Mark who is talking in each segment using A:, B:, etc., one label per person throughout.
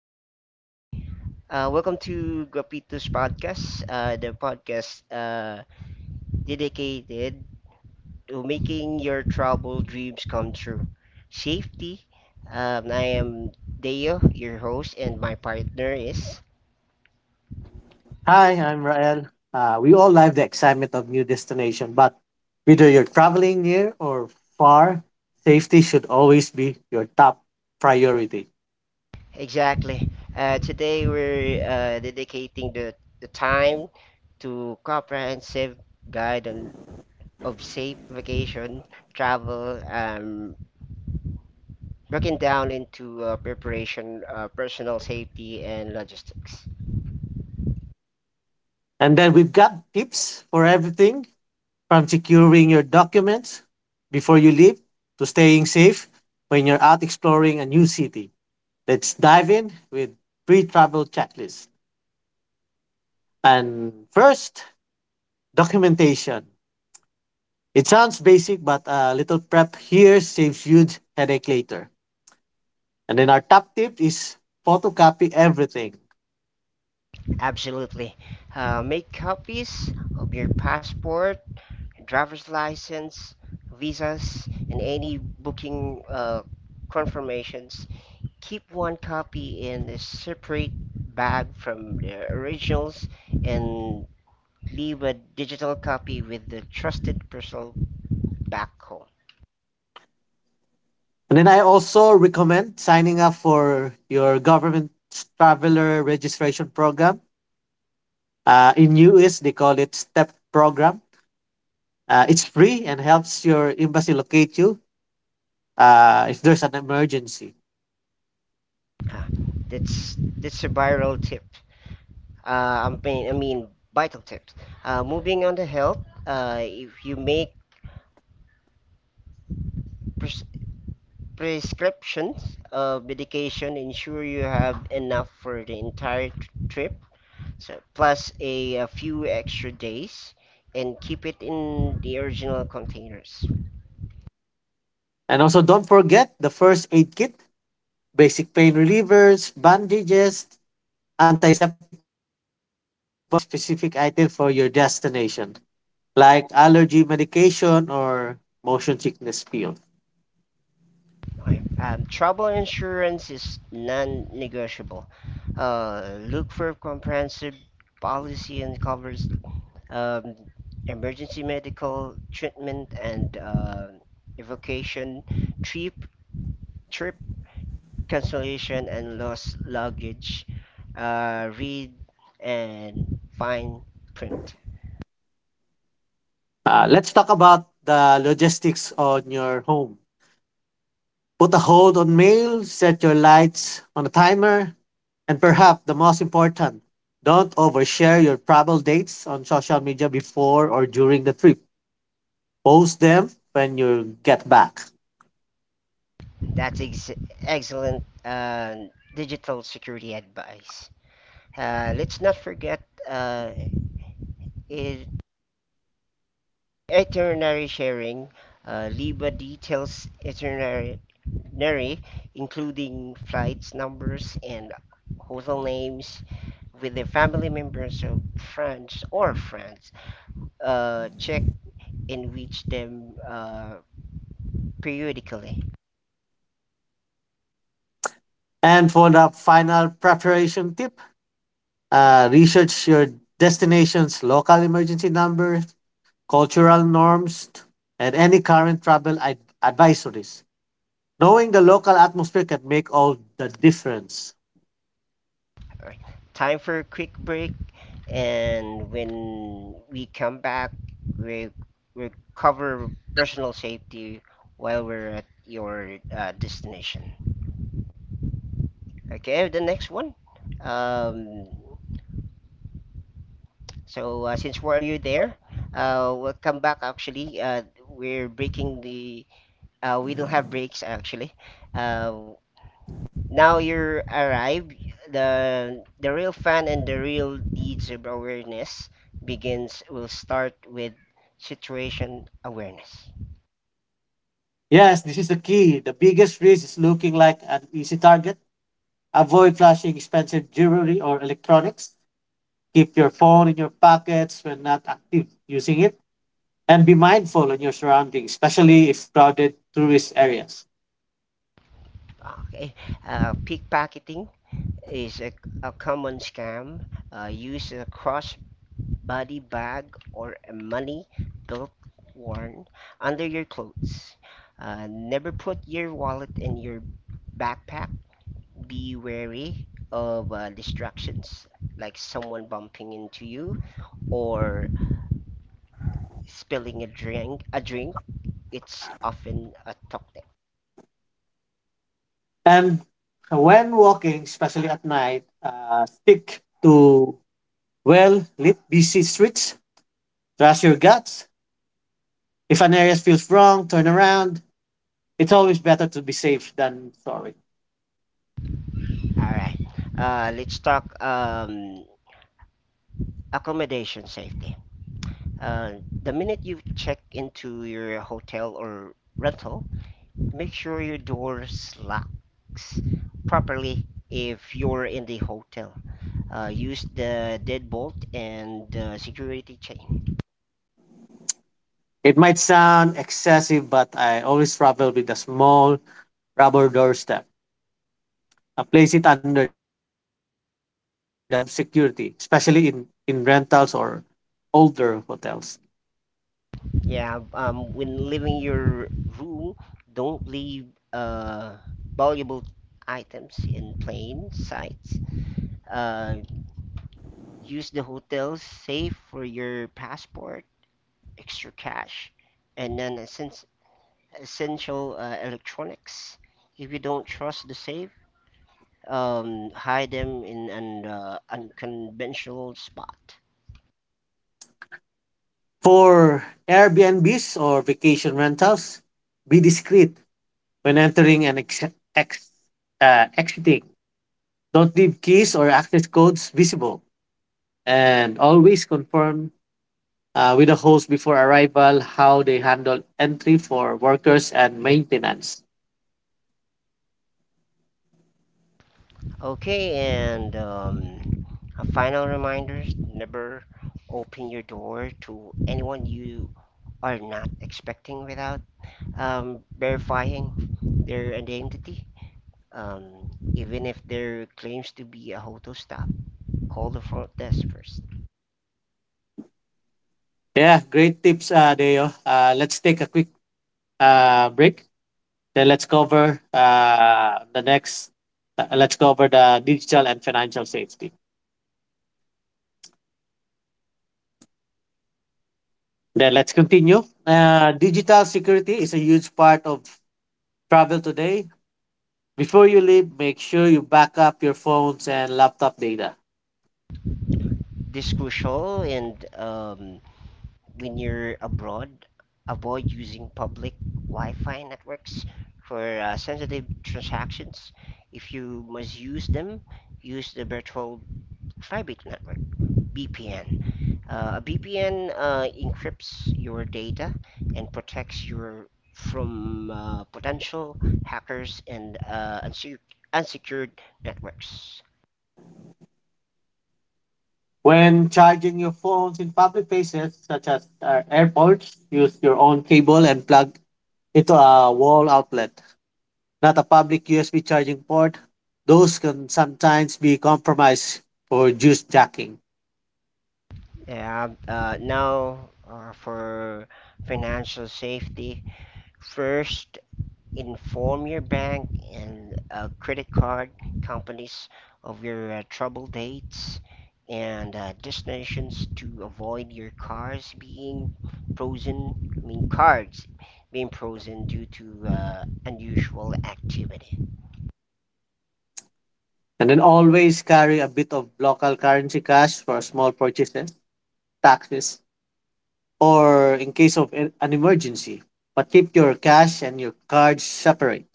A: Good evening. Welcome to Guapito's podcast, the podcast dedicated to making your travel dreams come true. Safety. I am Deo, your host, and my partner is.
B: Hi, I'm Rael. We all live the excitement of new destination, but whether you're traveling near or far, safety should always be your top priority.
A: Exactly. Today we're dedicating the time to comprehensive guide on, of safe vacation travel. Broken down into preparation, personal safety, and logistics.
B: And then we've got tips for everything from securing your documents before you leave to staying safe when you're out exploring a new city. Let's dive in with pre travel checklist. And first, documentation. It sounds basic, but a little prep here saves huge headache later. And then our top tip is photocopy everything.
A: Absolutely. Make copies of your passport, driver's license, visas, and any booking confirmations. Keep one copy in a separate bag from the originals and leave a digital copy with the trusted person back home.
B: And then I also recommend signing up for your government traveler registration program. In US, they call it STEP program. It's free and helps your embassy locate you if there's an emergency.
A: Ah, that's a viral tip. I mean vital tips. Moving on to health, if you make pres- prescriptions of medication, ensure you have enough for the entire trip, so plus a few extra days, and keep it in the original containers.
B: And also, don't forget the first aid kit, basic pain relievers, bandages, antiseptic wipes, and any specific item for your destination, like allergy medication or motion sickness pill.
A: Okay. Travel insurance is non-negotiable. Look for comprehensive policy and covers um, emergency medical treatment and evocation, trip, trip cancellation and lost luggage, read and fine print.
B: Let's talk about the logistics on your home. Put a hold on mail, set your lights on a timer, and perhaps the most important, don't overshare your travel dates on social media before or during the trip. Post them when you get back.
A: That's ex- Excellent digital security advice. Let's not forget uh, it Itinerary sharing. Liba details itinerary, including flights, numbers, and hotel names with the family members of friends or friends. Check and reach them periodically.
B: And for the final preparation tip, research your destination's local emergency numbers, cultural norms, and any current advisories. Knowing the local atmosphere can make all the difference.
A: All right. Time for a quick break, and when we come back, we we cover personal safety while we're at your destination. Okay, the next one. Um, since while you're there, we'll come back actually. We're breaking the. We don't have breaks actually. Uh, Now you're arrived. The real fun and the real deeds of awareness begins. Will start with situation awareness.
B: Yes, this is the key. The biggest risk is looking like an easy target. Avoid flashing expensive jewelry or electronics. Keep your phone in your pockets when not active using it. And be mindful on your surroundings, especially if crowded tourist areas.
A: Okay, Pickpocketing is a common scam used across body bag or a money belt worn under your clothes. Never put your wallet in your backpack. Be wary of distractions like someone bumping into you or spilling a drink. A drink it's often a toxic.
B: And when walking, especially at night, stick to well lit, busy streets. Trust your guts. If an area feels wrong, turn around. It's always better to be safe than sorry.
A: All right, let's talk accommodation safety. Uh, the minute you check into your hotel or rental, make sure your door locks properly if you're in the hotel. Use the deadbolt and the security chain.
B: It might sound excessive, but I always travel with a small rubber doorstep. I place it under the door for an extra layer of security, especially in rentals or older hotels.
A: Yeah, when leaving your room, don't leave uh, valuable items in plain sight. Uh, Use the hotel's safe for your passport, extra cash, and non essential electronics. If you don't trust the safe, hide them in an unconventional spot.
B: For Airbnbs or vacation rentals, be discreet when entering and ex- exiting, don't leave keys or access codes visible. And always confirm with the host before arrival how they handle entry for workers and maintenance.
A: Okay, and A final reminder never open your door to anyone you are not expecting without verifying their identity. Even if there claims to be a hotel stop, call the front desk first.
B: Yeah, great tips, Deo. Let's take a quick break. Then let's cover the next. Let's cover the digital and financial safety. Then let's continue. Digital security is a huge part of travel today. Before you leave, make sure you back up your phones and laptop data.
A: This is crucial, and when you're abroad, avoid using public Wi-Fi networks for sensitive transactions. If you must use them, use the virtual private network (VPN). A VPN encrypts your data and protects you from potential hackers and unsecured networks.
B: When charging your phones in public places, such as airports, use your own cable and plug into a wall outlet, not a public USB charging port. Those can sometimes be compromised for juice jacking.
A: Yeah, now, for financial safety. First, inform your bank and credit card companies of your trouble dates and destinations to avoid your cars being frozen. I mean, cards being frozen due to unusual activity.
B: And then always carry a bit of local currency cash for small purchases, taxes, or in case of an emergency. But keep your cash and your cards separate.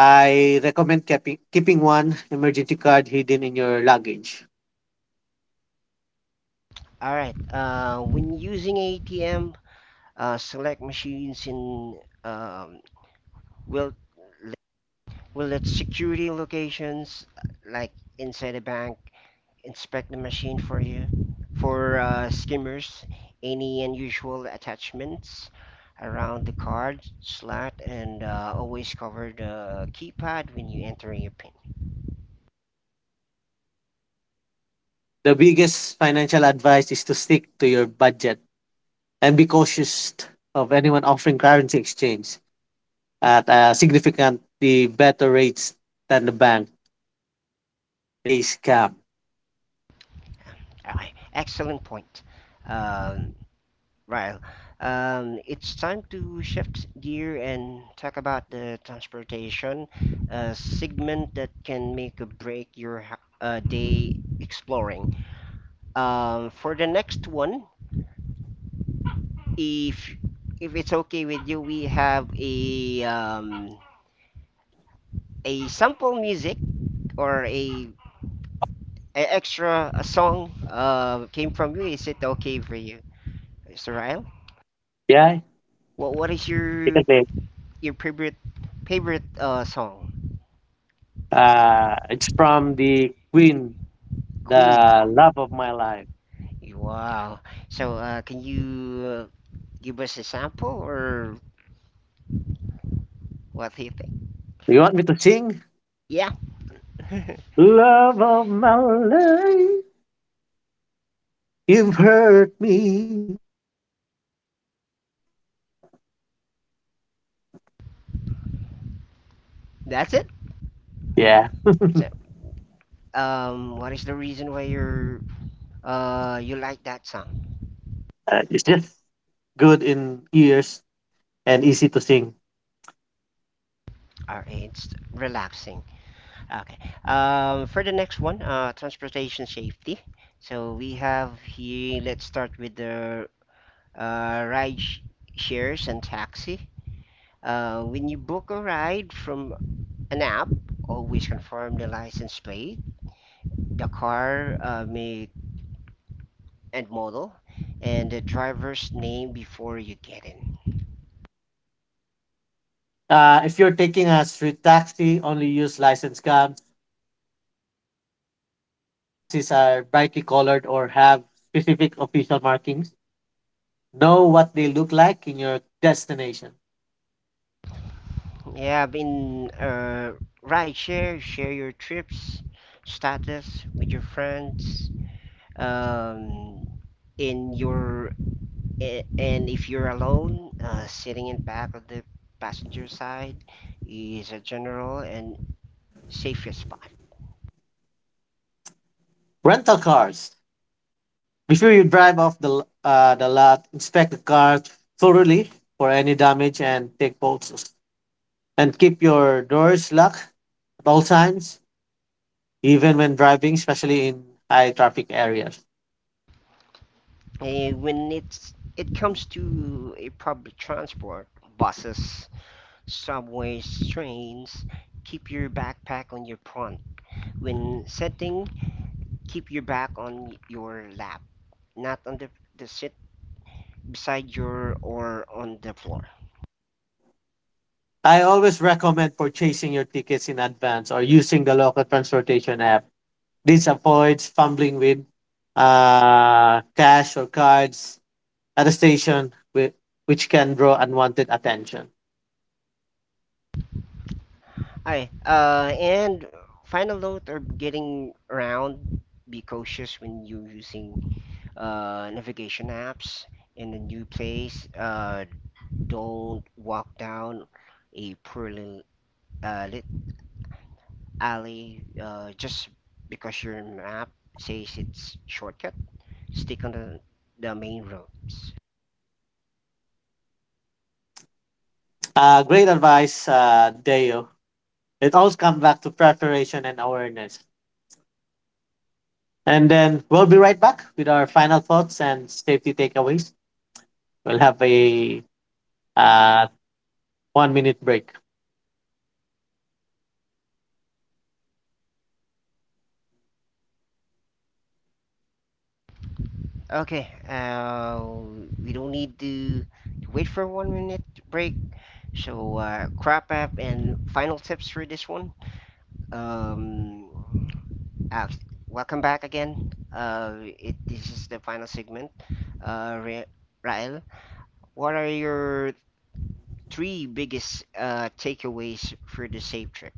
B: I recommend keeping one emergency card hidden in your luggage.
A: All right. When using ATM, select machines in um, will will let security locations like inside a bank inspect the machine for you for skimmers, any unusual attachments around the card slot, and always cover the keypad when you enter your PIN.
B: The biggest financial advice is to stick to your budget and be cautious of anyone offering currency exchange at significantly better rates than the bank. It's almost always a scam.
A: Ah, Excellent point, um, Ryle. It's time to shift gear and talk about the transportation segment that can make or break your day exploring. For the next one, if if it's okay with you, we have a sample music or a extra a song came from you. Is it okay for you, Mr. Ryle?
B: Yeah,
A: What is
B: because
A: your
B: they,
A: your favorite favorite song?
B: it's from the Queen,
A: Queen.
B: the love of my life.
A: Wow. So can you give us a sample or what do you think?
B: Do you want me to sing?
A: Yeah,
B: Love of my life, you've hurt me. Oh, that's all.
A: that's it.
B: Yeah,
A: So, what is the reason why you're you like that song?
B: it's just good in ears and easy to sing.
A: All right, it's relaxing. Okay. For the next one, transportation safety. So we have here. Let's start with the uh, shares and taxi. When you book a ride from an app, always confirm the license plate, the car make and model, and the driver's name before you get in.
B: If you're taking a street taxi, only use licensed cabs. In many countries, legitimate taxis are brightly colored or have specific official markings. Know what they look like in your destination.
A: Yeah, I've been Ride share. Share your trips status with your friends um in your and if you're alone sitting in back of the passenger side is a general and safest spot.
B: Rental cars. Before you drive off the the lot, inspect the car thoroughly for any damage and take photos. And keep your doors locked at all times, even when driving, especially in high traffic areas.
A: And when it comes to a public transport, buses, subways, trains, keep your backpack on your front. When sitting, keep your back on your lap, not on the seat beside your or on the floor.
B: I always recommend purchasing your tickets in advance or using the local transportation app. This avoids fumbling with cash or cards at a station, which can draw unwanted attention.
A: Hi. And final note or getting around, be cautious when you're using navigation apps in a new place. Don't walk down a poorly lit alley just because your map says it's shortcut. Stick on the main roads.
B: Great advice, Deo. It all comes back to preparation and awareness. And then we'll be right back with our final thoughts and safety takeaways. We'll have a uh, 1 minute break.
A: Okay, uh, we don't need to wait for one minute break. So, crop app and final tips for this one. Um, Alex, welcome back again. It This is the final segment. Uh, Ra- Rael, what are your 3 biggest takeaways for the safe trip?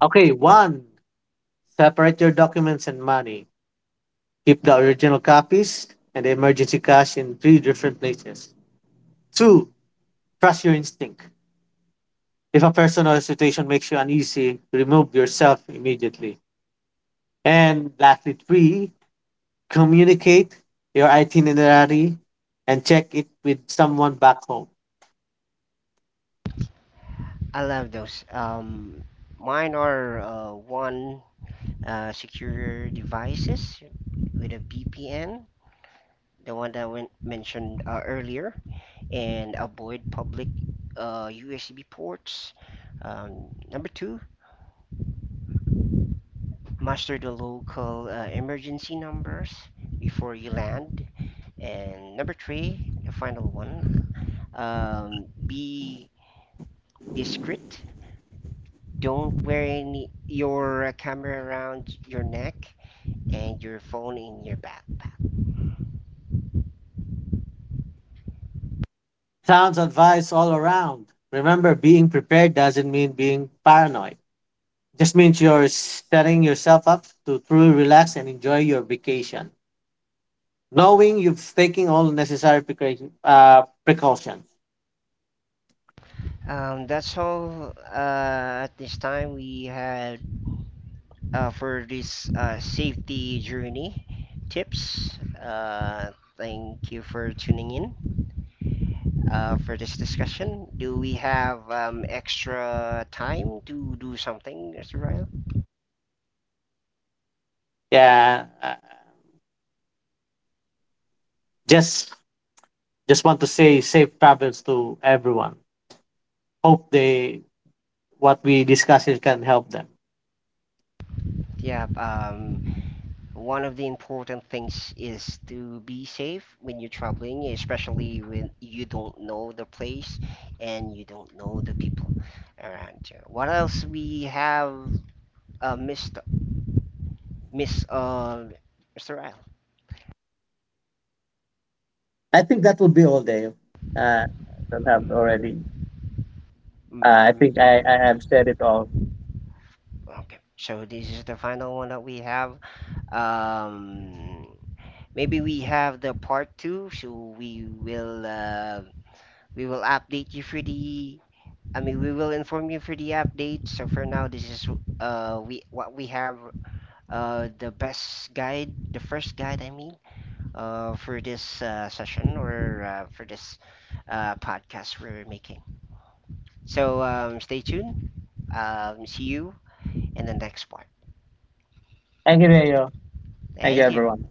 B: Okay, one, separate your documents and money. Keep the original copies and the emergency cash in 3 different places. Two, trust your instinct. If a person or a situation makes you uneasy, remove yourself immediately. And lastly, three, communicate your itinerary and check it with someone back home.
A: I love those. Mine are one, secure devices with a VPN, the one that we mentioned earlier, and avoid public USB ports. Number 2, master the local emergency numbers before you land. And number 3, the final one, be discreet. Don't wear any, your camera around your neck and your phone in your backpack.
B: Sounds advice all around. Remember, being prepared doesn't mean being paranoid. Just means you're setting yourself up to truly relax and enjoy your vacation, knowing you've taken all necessary precautions.
A: That's all at this time. We had for this safety journey tips. Thank you for tuning in for this discussion. Do we have extra time to do something, Mr. Ryle?
B: Yeah, just just want to say safe travels to everyone. Hope they what we discuss here can help them.
A: Yeah, um, One of the important things is to be safe when you're traveling, especially when you don't know the place and you don't know the people around you. What else we have uh, missed, miss, Mr. Ryle?
B: I think that would be all, Dave. I don't have already. I
A: Mm,
B: think I have said it all.
A: okay. So this is the final one that we have. Um, Maybe we have the part 2, so we will update you for the. I mean, we will inform you for the update. So for now, this is we what we have the best guide, the first guide, I mean, for this session or for this podcast we're making. So stay tuned. See you in the next part.
B: Thank you, Dale. Thank you,
A: Thank you.
B: everyone.